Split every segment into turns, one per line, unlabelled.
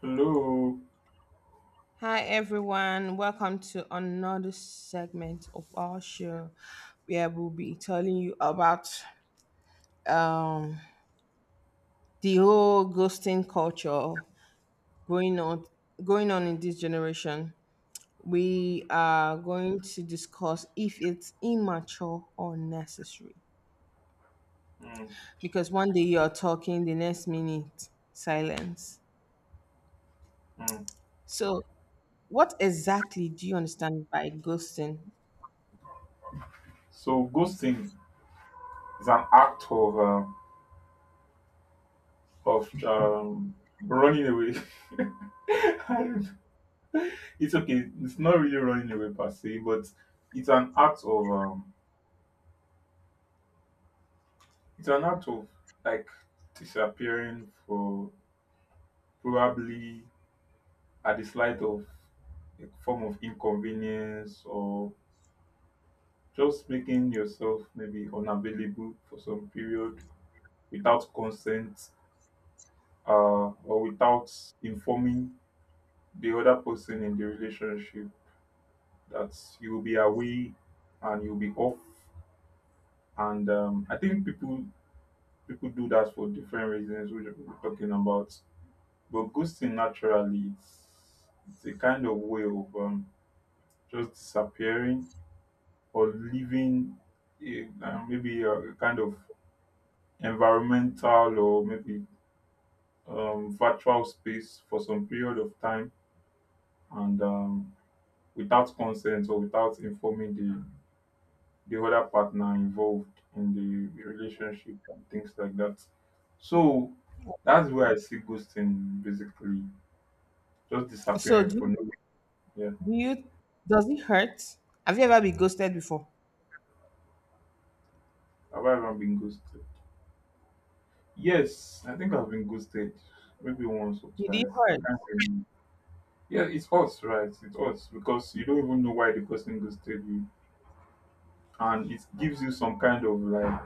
Hello.
Hi everyone, welcome to another segment of our show where we'll be telling you about um, the whole ghosting culture going on going on in this generation. We are going to discuss if it's immature or necessary.
Mm,
Because one day you're talking, the next minute silence.
mm.
So what exactly do you understand by ghosting?
So ghosting is an act of running away. I don't- It's okay. It's not really running away per se, but it's an act of it's an act of like disappearing for probably at the slight of a form of inconvenience or just making yourself maybe unavailable for some period without consent or without informing the other person in the relationship that you will be away and you'll be off. And I think people do that for different reasons, which we're talking about. But ghosting naturally, it's a kind of way of just disappearing or leaving maybe a kind of environmental or maybe virtual space for some period of time and without consent or without informing the other partner involved in the relationship and things like that. So that's where I see ghosting, basically just
So
disappearing for
do
no reason. Yeah.
Do you does it hurt? Have you ever been ghosted before?
Have I ever been ghosted? Yes, I think I've been ghosted maybe once or
Did it
twice. I
hurt?
can't remember. Yeah, it's us, right? It's us because you don't even know why the person ghosted you, and it gives you some kind of like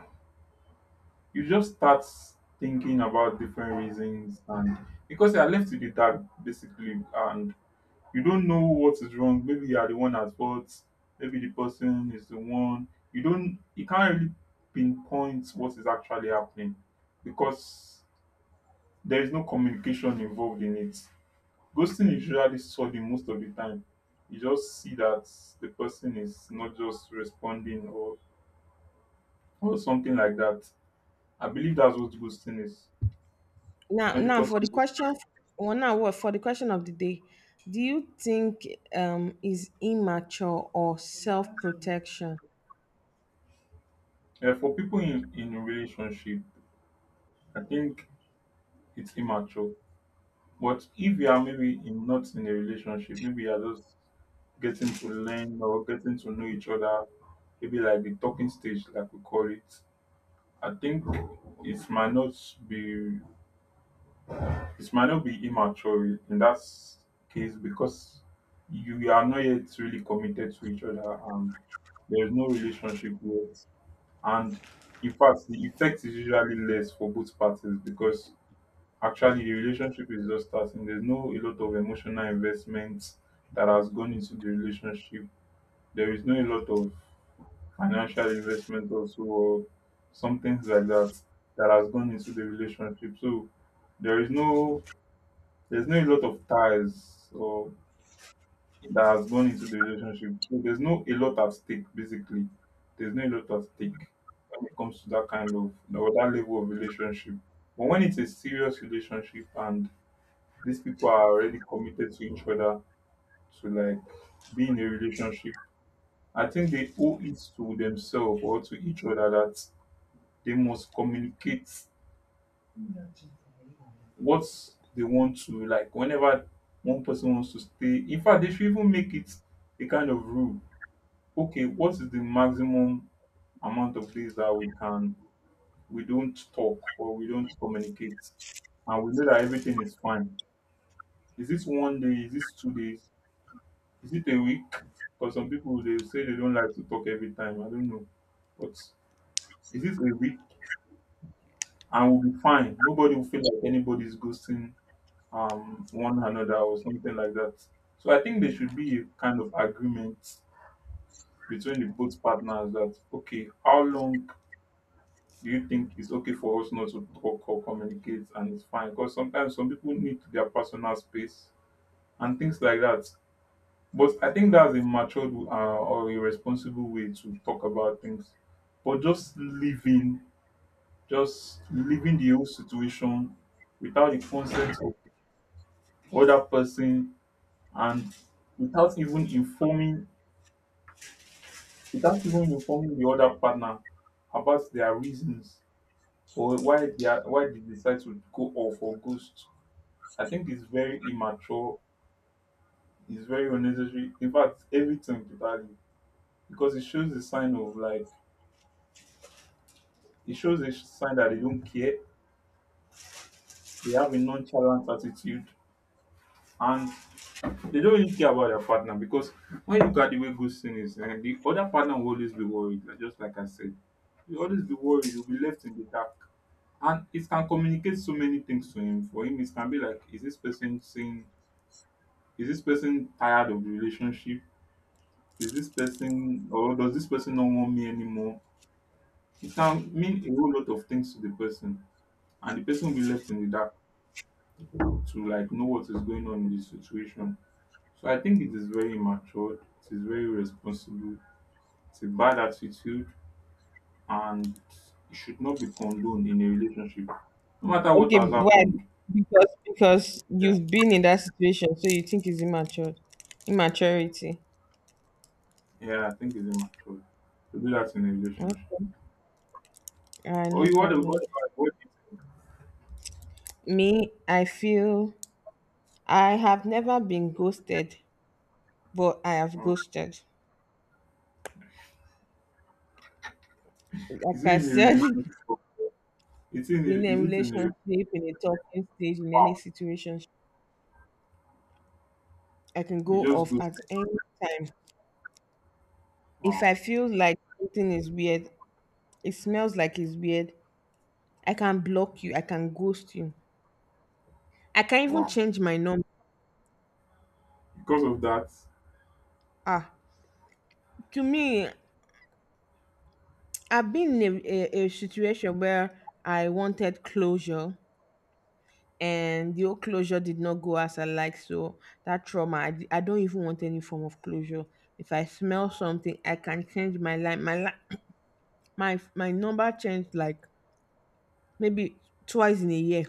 you just start thinking about different reasons, and because you are left with the dark basically, and you don't know what is wrong. Maybe you are the one at fault, maybe the person is the one. You don't, you can't really pinpoint what is actually happening because there is no communication involved in it. Ghosting is usually sudden most of the time. You just see that the person is not just responding or something like that. I believe that's what ghosting is
Now
when the
now
person.
for the question of the day, do you think is immature or self protection?
Yeah, for people in a relationship, I think it's immature. But if you are maybe in, not in a relationship, maybe you are just getting to learn or getting to know each other, maybe like the talking stage, like we call it. I think it might not be, it might not be immature in that case, because you are not yet really committed to each other and there is no relationship yet. And in fact, the effect is usually less for both parties, because actually, the relationship is just starting. There's no a lot of emotional investment that has gone into the relationship. There is no a lot of financial investment also or some things like that that has gone into the relationship. So there is no, there's no a lot of ties or that has gone into the relationship. So there's no a lot at stake basically. There's no a lot at stake when it comes to that kind of or that level of relationship. But when it's a serious relationship and these people are already committed to each other to like be in a relationship, I think they owe it to themselves or to each other that they must communicate what they want to, like whenever one person wants to stay. In fact, they should even make it a kind of rule. Okay, what is the maximum amount of days that we don't talk or we don't communicate and we know that everything is fine. Is this 1 day? Is this 2 days? Is it a week? Because some people they say they don't like to talk every time. I don't know. But is it a week? And we'll be fine. Nobody will feel like anybody's ghosting one another or something like that. So I think there should be a kind of agreement between the both partners that okay, how long do you think it's okay for us not to talk or communicate and it's fine? Because sometimes some people need their personal space and things like that. But I think that's a matured or a responsible way to talk about things. But just leaving the whole situation without the consent of the other person and without even informing, without even informing the other partner about their reasons or why they decide to go off or ghost. I think it's very immature. It's very unnecessary. In fact, everything totally, because it shows the sign of like, it shows a sign that they don't care. They have a nonchalant attitude, and they don't really care about their partner, because when you look at the way ghosting is, eh, the other partner will always be worried, like, just like I said. You'll always be worried, you'll be left in the dark. And it can communicate so many things to him. For him, it can be like, is this person saying, is this person tired of the relationship? Is this person, or does this person not want me anymore? It can mean a whole lot of things to the person, and the person will be left in the dark, to like know what is going on in the situation. So I think it is very immature, it is very irresponsible. It's a bad attitude, and it should not be condoned in a relationship. No matter what has
Okay, why?
happened.
Because
Yeah,
you've been in that situation, so you think it's immature. Immaturity.
yeah, I think it's immature to do that in a relationship.
Okay. All right,
Oh,
no
you, what about,
problem. Me, I feel I have never been ghosted, but I have
uh,
ghosted.
is
Like
it
I
in a
said,
relationship?
in a
Is it in a
relationship, in a talking stage, in any
wow?
situation, I can go
You just
off
go
at
say,
any time. If
wow,
I feel like something is weird, it smells like it's weird, I can block you, I can ghost you. I can even
wow.
change my number.
Because of that,
Ah, to me, I've been in a situation where I wanted closure and the old closure did not go as I like. So that trauma, I don't even want any form of closure. If I smell something, I can change my life. My life, my number changed like maybe twice in a year.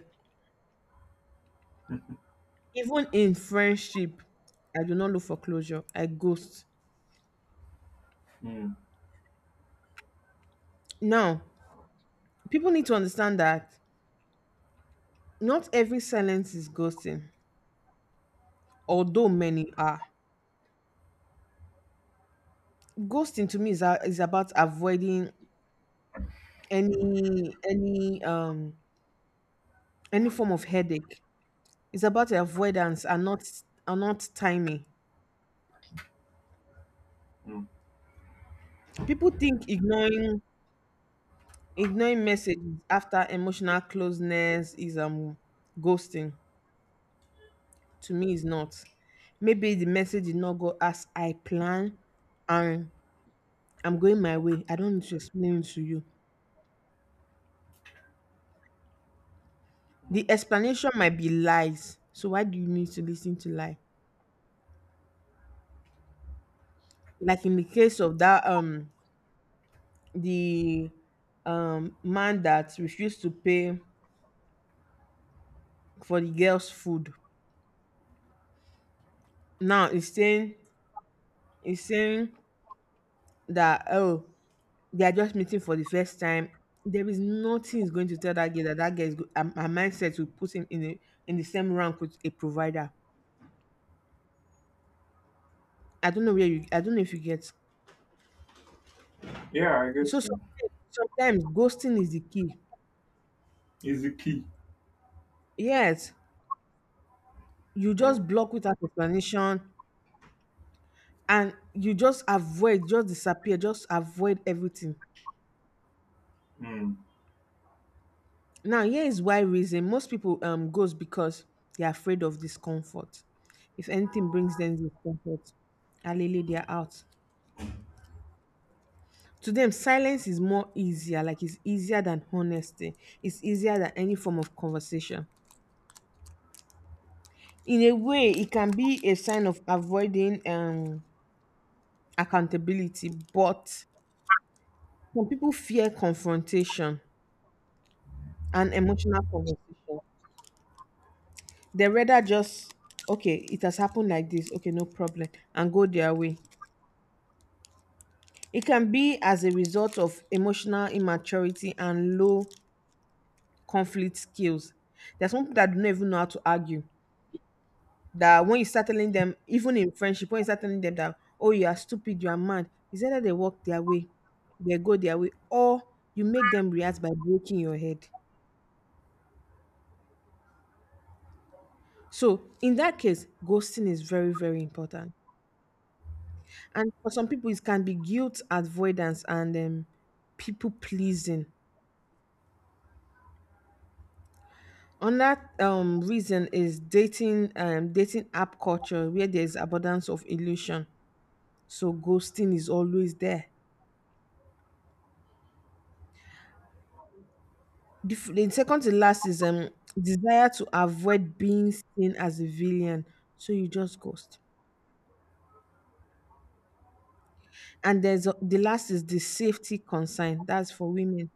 Even in friendship, I do not look for closure. I ghost.
mm,
Now, people need to understand that not every silence is ghosting, although many are. Ghosting to me is, is about avoiding any any form of headache. It's about avoidance and not timing.
mm,
People think ignoring messages after emotional closeness is ghosting. To me, is not. Maybe the message did not go as I plan, and I'm going my way. I don't need to explain to you.
mm.
The explanation might be lies. So why do you need to listen to lie? Like in the case of that the man that refused to pay for the girl's food. Now he's saying that oh they are just meeting for the first time. There is nothing is going to tell that girl that that her, her mindset will put him in in the same rank with a provider. I don't know where you. I don't know if you get.
Yeah, I
So
guess so.
sometimes ghosting is the key.
Is the key.
Yes, you
Mm,
just block without explanation, and you just avoid, just disappear, just avoid everything.
mm,
Now, here is why reason most people goes because they are afraid of discomfort. If anything brings them discomfort, alele they are out. To them silence is more easier, like it's easier than honesty, it's easier than any form of conversation. In a way it can be a sign of avoiding accountability, but some people fear confrontation and emotional conversation. They rather just okay it has happened like this, okay no problem, and go their way. It can be as a result of emotional immaturity and low conflict skills. There's some people that don't even know how to argue, that when you start telling them, even in friendship, when you start telling them that, oh, you are stupid, you are mad, it's either they walk their way, they go their way, or you make them react by breaking your head. So in that case, ghosting is very, very important. And for some people, it can be guilt avoidance and people pleasing. Another reason is dating dating app culture where there's abundance of illusion. So ghosting is always there. The second to last is desire to avoid being seen as a villain, so you just ghost. And the last is the safety concern. That's for women.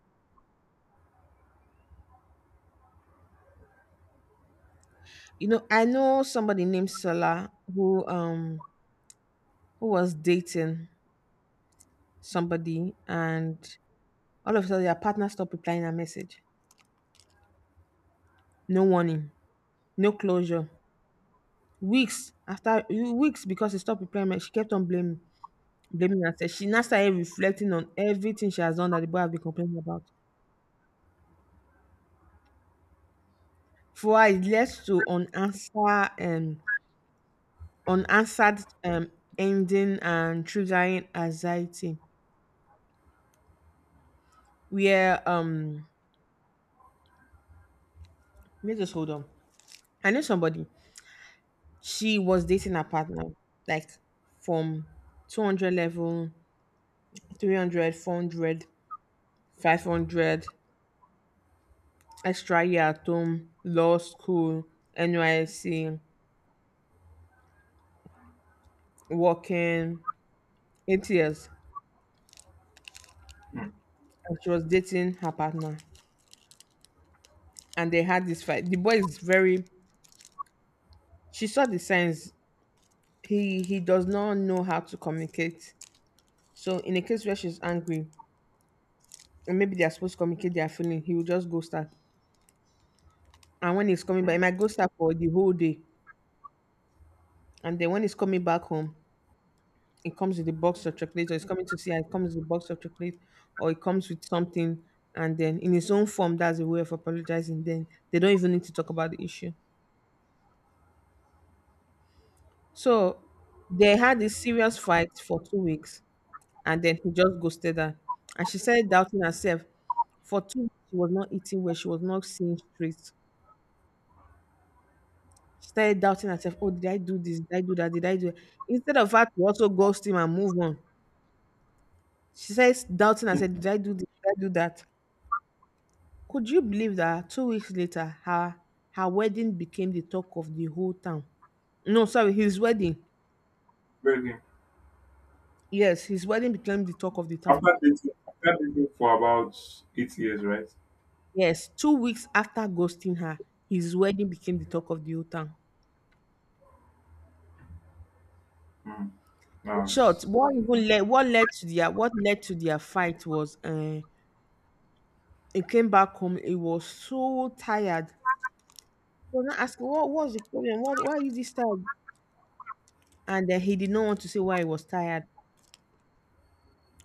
You know, I know somebody named Sola who was dating somebody, and all of a sudden their partner stopped replying her message. No warning, no closure. Weeks after weeks because he stopped replying, she kept on blaming herself. She now started reflecting on everything she has done that the boy have been complaining about. For it leads to unanswered ending and triggering anxiety. Where let us hold on. I know somebody. She was dating her partner like from 200 level, 300, 400, 500, extra year at home, law school, NYC, working 8 years.
mm.
And she was dating her partner, and they had this fight. The boy is very She saw the signs. He does not know how to communicate. So in a case where she's angry, and maybe they are supposed to communicate their feeling, he will just ghost her. And when he's coming back, he
Mm.
might ghost her for the whole day. And then when he's coming back home, he comes with a box of chocolate, or he's coming to see her, he comes with a box of chocolate, or he comes with something. And then in his own form, that's a way of apologizing. Then they don't even need to talk about the issue. So they had this serious fight for 2 weeks and then he just ghosted her. And she started doubting herself. For 2 weeks, she was not eating well. She was not seeing straight. She started doubting herself. Oh, did I do this? Did I do that? Did I do it? Instead of her to also ghost him and move on, she says doubting herself. Did I do this? Did I do that? Could you believe that 2 weeks later, her wedding became the talk of the whole town? No, sorry, his wedding.
Very good.
Yes, his wedding became the talk of the town.
After dating for about 8 years, right?
Yes, 2 weeks after ghosting her, his wedding became the talk of the whole town.
Mm.
In
Wow.
short, what even led what led to their what led to their fight was he came back home, he was so tired. He was not asking what was the problem? What why is this tired? And then he did not want to say why he was tired.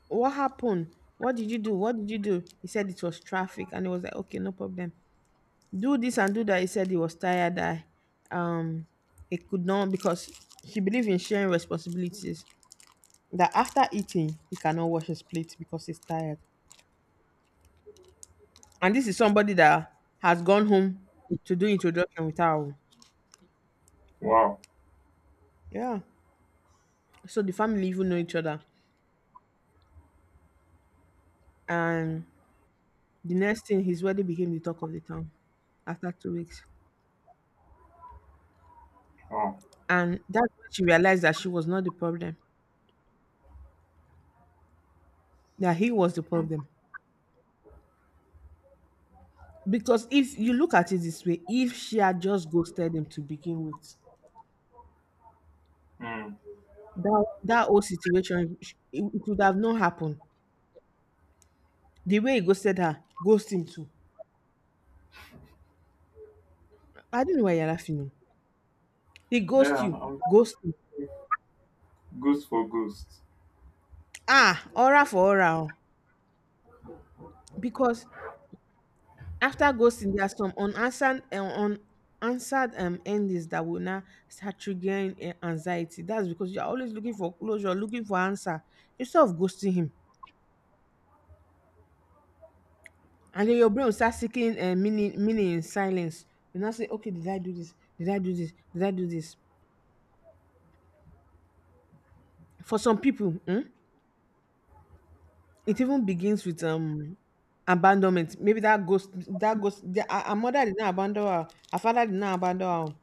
What happened? What did you do? He said it was traffic and he was like, okay, no problem. Do this and do that. He said he was tired that um he could not because he believed in sharing responsibilities. That after eating he cannot wash his plate because he's tired. And this is somebody that has gone home to do introduction with her. Own.
Wow.
Yeah. So the family even know each other. And the next thing, his wedding became the talk of the town after 2 weeks.
Wow.
And that's when she realized that she was not the problem, that he was the
Mm.
problem. Because if you look at it this way, if she had just ghosted him to begin with,
Mm.
that that whole situation it would have not happened. The way he ghosted her, ghost him too. I don't know why you're laughing. Oh. He ghost
Yeah,
you,
I'm
ghost him.
ghost for ghost.
Ah, aura for aura oo, because after ghosting there are some unanswered unanswered endings that will now start triggering anxiety. That's because you are always looking for closure, looking for answer instead of ghosting him. And then your brain will start seeking meaning in silence. You now say, okay, did I do this? Did I do this? Did I do this? For some people, it even begins with abandonment. Maybe that ghost the, her, her mother did not abandon her, her father did not abandon her.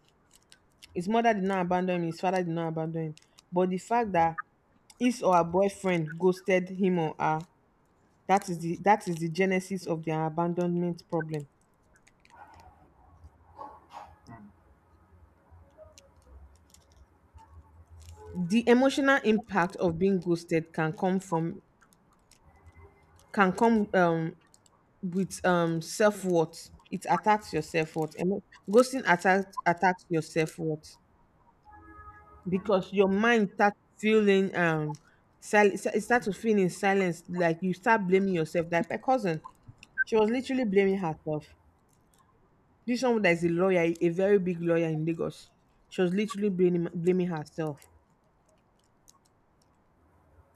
His mother did not abandon him, his father did not abandon him. But the fact that his or her boyfriend ghosted him or her, that is the genesis of their abandonment problem.
Mm.
The emotional impact of being ghosted can come can come um with self worth. It attacks your self worth. Ghosting attacks your self worth
Mm.
because your mind starts feeling it starts to feel in silence. Like you start blaming yourself. Like my cousin, she was literally blaming herself. This someone that is a lawyer, a very big lawyer in Lagos. She was literally blaming herself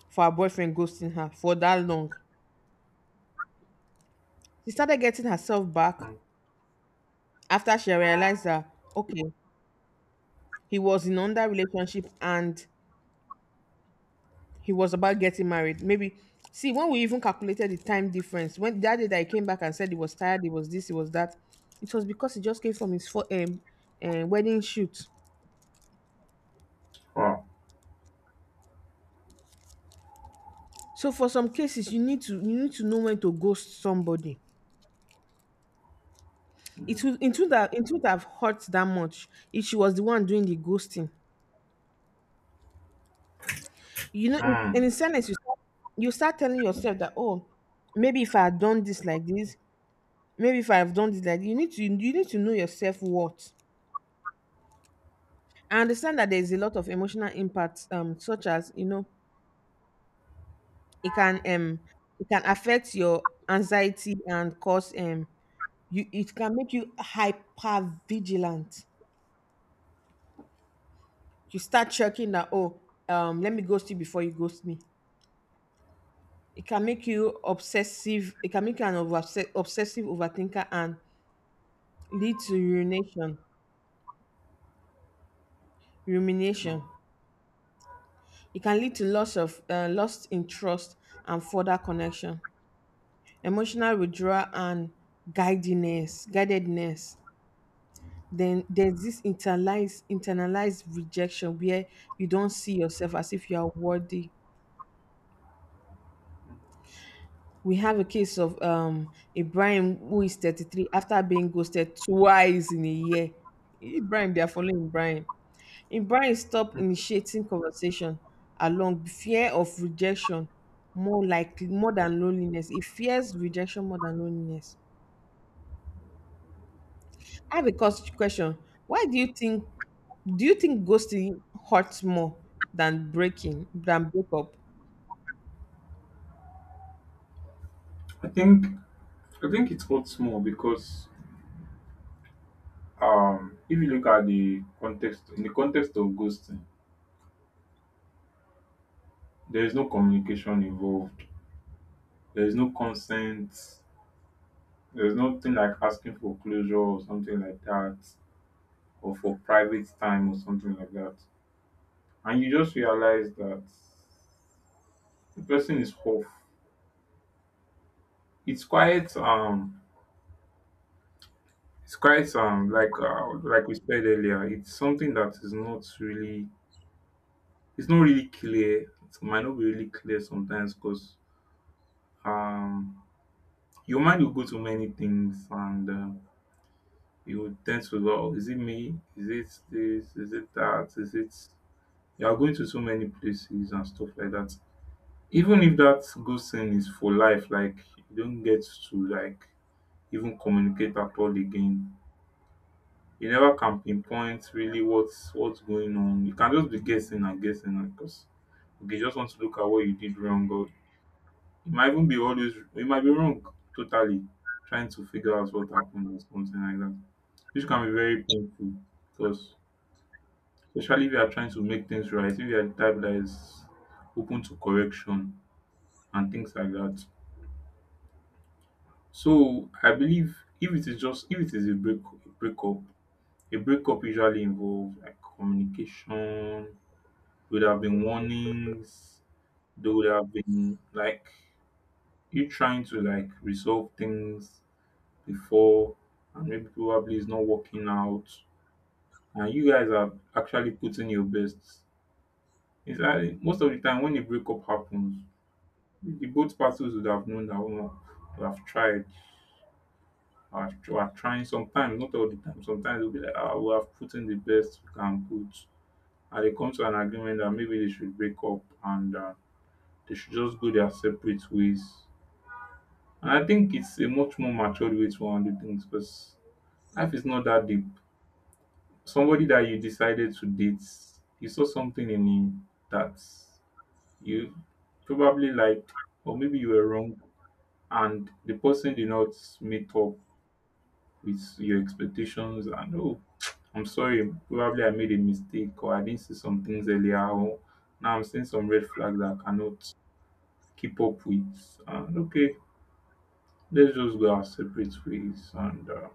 for her boyfriend ghosting her for that long. She started getting herself back
Mm.
after she realized that, okay, he was in another relationship and he was about getting married. Maybe, see, when we even calculated the time difference, when that day that he came back and said he was tired, he was this, he was that, it was because he just came from his wedding shoot.
Wow.
So for some cases, you need to know when to ghost somebody. It
Mm.
would it would have it would have hurt that much if she was the one doing the ghosting. You know,
Mm.
in sadness, you start telling yourself that oh, maybe if I had done this like this, maybe if I have done this like this. You need to know yourself what. I understand that there is a lot of emotional impacts, such as you know, it can um it can affect your anxiety and cause you it can make you hyper vigilant. You start checking that oh, let me ghost you before you ghost me. It can make you obsessive, it can make you an obsessive overthinker and lead to rumination.
Mm.
Rumination. It can lead to loss of lost in trust and further connection, emotional withdrawal and guidedness. Then there's this internalized rejection where you don't see yourself as if you are worthy. We have a case of Ibrahim, who is 33, after being ghosted twice in a year. Ibrahim, they are following Ibrahim. Ibrahim stopped initiating conversation along fear of rejection, more likely more than loneliness. He fears rejection more than loneliness. I have a question. Why do you think Do you think ghosting hurts more than breakup?
I think I think it hurts more because if you look at the context in the context of ghosting, there is no communication involved. There is no consent. There's nothing like asking for closure or something like that, or for private time or something like that. And you just realize that the person is off. It's quite um it's quite like we said earlier, it's something that is not really it's not really clear. It might not be really clear sometimes because um your mind will go to many things, and you will tend to go, "Oh, is it me? Is it this? Is it that? Is it, you are going to so many places and stuff like that. Even if dat godsend is for life, like you don't get to like even communicate at all again. You never can pinpoint really whats going on. You can just be guessing and guessing, and cause okay, you just want to look at what you did wrong. Or it might even be always, it might be wrong totally, trying to figure out what happened or something like that, which can be very painful, cause especially if you are trying to make things right, if you are di type that is open to correction and things like that. So I believe if it is just, if it is a break a breakup, a breakup usually involves like communication. Would have been warnings, there would have been like you trying to like resolve things before, and maybe probably it's not working out, and you guys are actually putting your best. It's like most of the time when a breakup happens, the both parties would have known that one would have tried, are trying sometimes, not all the time. Sometimes they'll be like, ah, we have put in the best we can put. And they come to an agreement that maybe they should break up, and they should just go their separate ways. And I think it's a much more matured way to handle things, because life is not that deep. Somebody that you decided to date, you saw something in him that you probably liked, or maybe you were wrong, and the person did not meet up with your expectations. And oh, I'm sorry, probably I made a mistake or I didn't see some things earlier, or now I'm seeing some red flags that I cannot keep up with. And okay, let's just go our separate ways, and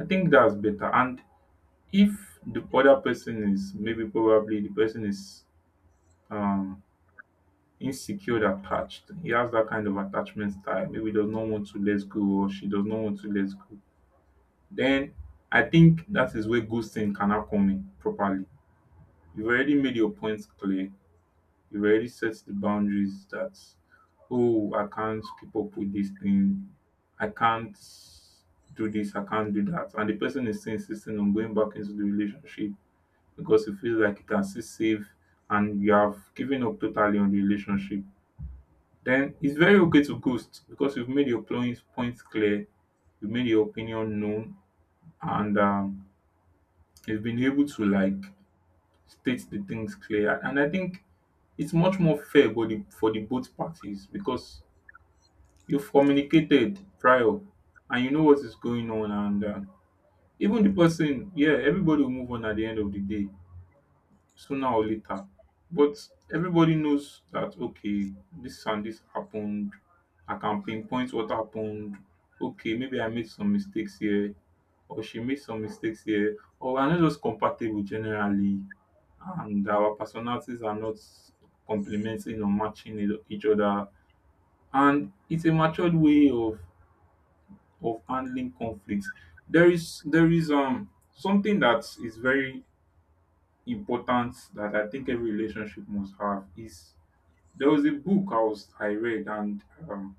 I think that's better. And if the other person is, maybe probably the person is um insecure attached, he has that kind of attachment style, maybe does not want to let go or she does not want to let go. Then I think that is where ghosting can now come in properly. You've already made your points clear. You've already set the boundaries that, oh, I can't keep up with this thing. I can't do this, I can't do that. And the person is still insisting on going back into the relationship because it feels like it can still save, and you have given up totally on the relationship. Then it's very okay to ghost because you've made your points clear. You've made your opinion known and they've been able to like state the things clear, and I think it's much more fair for the both parties because you've communicated prior and you know what is going on, and even the person, yeah, everybody will move on at the end of the day, sooner or later. But everybody knows that okay, this and this happened. I can pinpoint what happened. Okay, maybe I made some mistakes here, or she made some mistakes here, or we're not just compatible generally and our personalities are not complementing or matching each other, and it's a matured way of handling conflicts. There is something that is very important that I think every relationship must have is there was a book I read, and um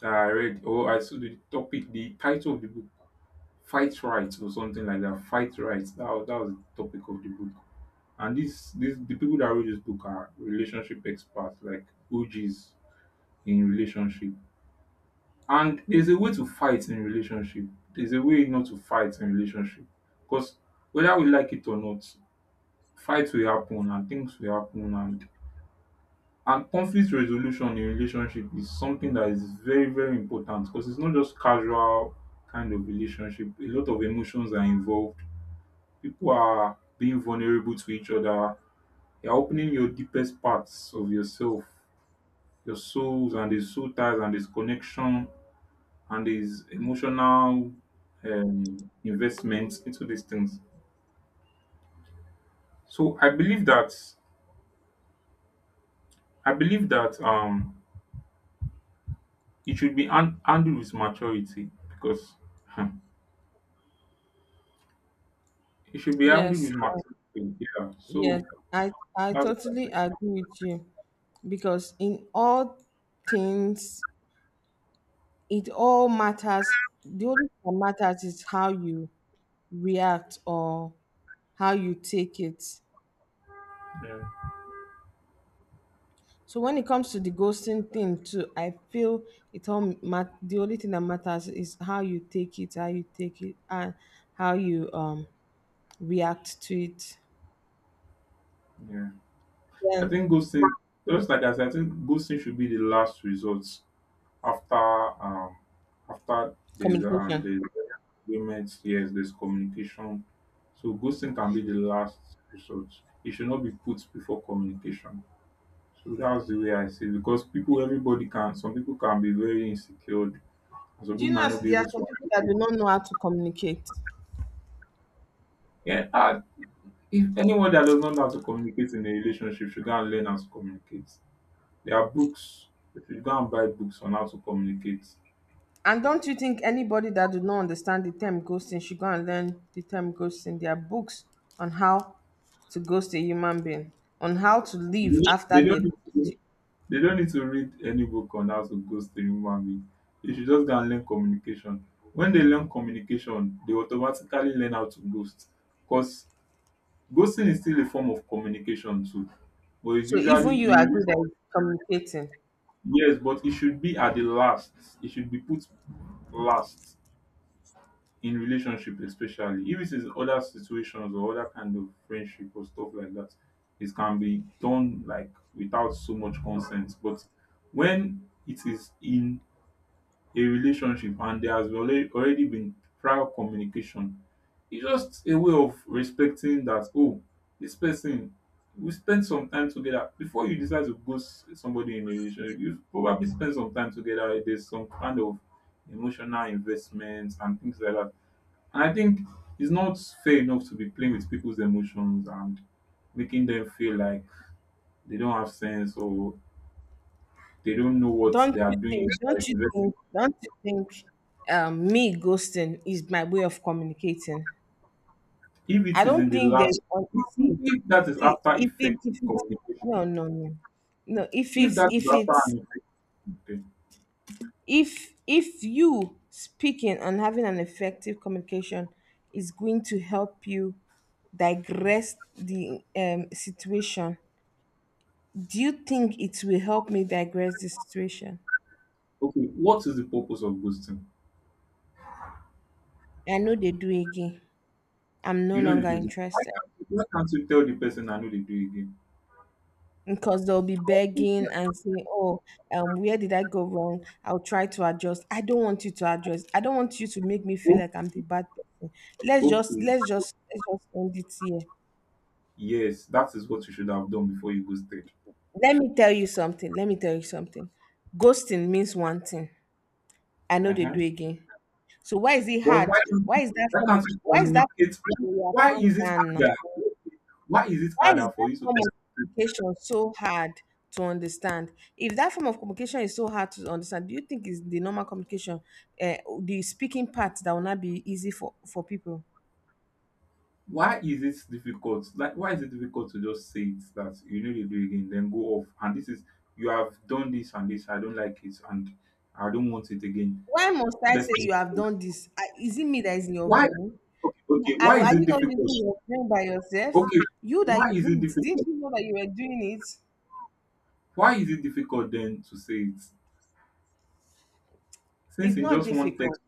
that I read, or I saw the topic, the title of the book, Fight Right or something like that. Fight Right. That was the topic of the book. And this, the people that wrote this book are relationship experts, like OGs in relationship. And there's a way to fight in relationship. There's a way not to fight in relationship. Because whether we like it or not, fights will happen and things will happen, and conflict resolution in relationship is something that is very, very important because it's not just casual kind of relationship. A lot of emotions are involved. People are being vulnerable to each other. You're opening your deepest parts of yourself, your souls, and there's soul ties, and there's connection, and there's emotional um, investment into these things. So I believe that I believe that it should be handled with maturity because hmm, it should be handled
Yes,
with maturity. Yeah.
yes,
So
I
that's what I
totally
think.
agree with you. Because in all things, it all matters. The only thing that matters is how you react or how you take it.
Yeah.
So when it comes to the ghosting thing too, I feel it the only thing that matters is how you take it, how you take it, and how you react to it.
Yeah. I
Then
think ghosting, just like I said, I think ghosting should be the last resort after um after there's
communication.
there's agreements, yes, there's communication. So ghosting can be the last resort. It should not be put before communication. So that's the way I see it because people, everybody can. Some people can be very insecure, and some
Do
people
you
might
know
not be
there
able
are some
to.
people that do not know how to communicate?
Yeah, and if anyone that does not know how to communicate in a relationship should go and learn how to communicate. There are books. If you should go and buy books on how to communicate,
And don't you think anybody that do not understand the term ghosting should go and learn the term ghosting? There are books on how to ghost a human being, on how to live after
they
they
don't.
ghost you.
They don't need to read any book on how to ghost a human being. They should just go and learn communication. When they learn communication, they automatically learn how to ghost. Because ghosting is still a form of communication too. But it's
So even
usually
you
in re-,
agree that it's communicating.
yes, but it should be at the last. It should be put last in relationship, especially if it is other situations or other kind of friendship or stuff like that. It can be done like without so much consent. But when it is in a relationship and there has already been prior communication, it's just a way of respecting that, oh, this person, we spend some time together. Before you decide to ghost somebody in a relationship, you probably spend some time together. There's some kind of emotional investment and things like that. And I think it's not fair enough to be playing with people's emotions and making them feel like they don't have sense or they don't know what they are doing.
Don't you think? Me ghosting is my way of communicating.
If it
I
is in
don't
the
think there's
last,
on see.
if that is
see
after
if it
effective
if it
communication,
no no no no. if
if
it's
that is
if
after
it's
an effective thing.
if you speaking and having an effective communication is going to help you digress the situation, do you think it will help me digress the situation?
Okay, what is the purpose of ghosting?
I know they do again. I'm no
You know they
longer
do it. why
interested,
can't you why can't you tell the person, I know they do it
because they'll be
again.
begging and saying oh, where did I go wrong, I'll try to adjust. I don't want you to adjust. I don't want you to make me feel
Oh,
like I'm the bad person. let's just
okay,
let's just let's just end it here.
yes, that is what you should have done before you ghosted.
Let me tell you something. Let me tell you something. Ghosting means one thing. I know they
Uh-huh.
do again. So why is it
But why
hard?
don't you? Why can't you
Why is that,
communicate?
yeah,
why
calm
is it
down now.
harder why is it
Why is
harder for
that
you to
form of
communicate?
communication so hard to understand? If that form of communication is so hard to understand, do you think is the normal communication, uh, the speaking part that will not be easy for people?
Why is it difficult? Like, why is it difficult to just say it that you need to do it again, then go off? And this is, you have done this and this, I don't like it, and I don't want it again.
Why must I
Let's
say
leave.
you have done this? I- is it me that is in your
Why?
brain?
Okay, okay, why
Are
is
are
it
you not
difficult?
using your brain by yourself?
Okay,
You that
why
you
is it
do it, didn't
difficult?
you know that you were doing it?
Why is it difficult then to say it? Since
It's
in
not
just one text,
difficult.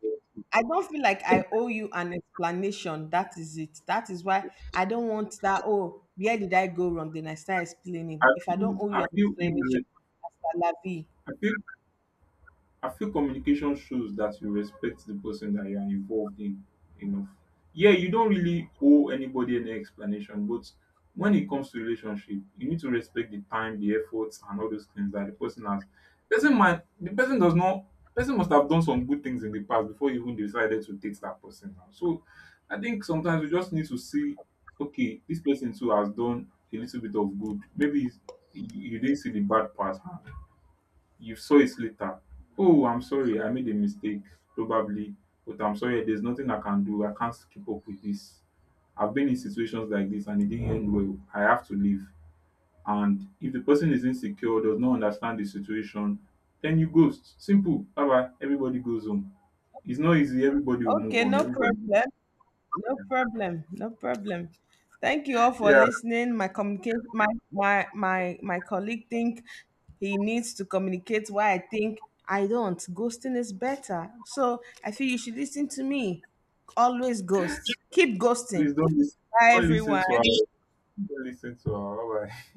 I don't feel like I owe you an explanation. That is it. That is why I don't want that. Oh, where did I go wrong? Then I start explaining.
I
If I don't
feel,
owe you
I
an
feel
explanation,
irre-
hasta la vie.
I feel I feel communication shows that you respect the person that you are involved in enough. Yeah, you don't really owe anybody any explanation, but when it comes to relationship, you need to respect the time, the efforts, and all those things that the person has. Doesn't mind the person does not, person must have done some good things in the past before you even decided to date that person now. So I think sometimes we just need to see, okay, this person too has done a little bit of good. Maybe he's- you didn't see the bad part, huh? You saw it later. Oh, I'm sorry, I made a mistake, probably, but I'm sorry, there's nothing I can do. I can't keep up with this. I've been in situations like this and it didn't end well. I have to leave. And if the person is insecure, does not understand the situation, then you ghost. Simple. Bye bye. Everybody goes home. It's not easy. Everybody will move
Okay,
on.
no
Everybody.
problem. No problem. No problem. Thank you all for
Yeah.
listening. My colleague think he needs to communicate, why I think I don't. Ghosting is better. So I feel you should listen to me. Always ghost. Keep ghosting.
Please don't listen.
Bye
Don't listen to her.
everyone.
Don't listen to her. Bye bye.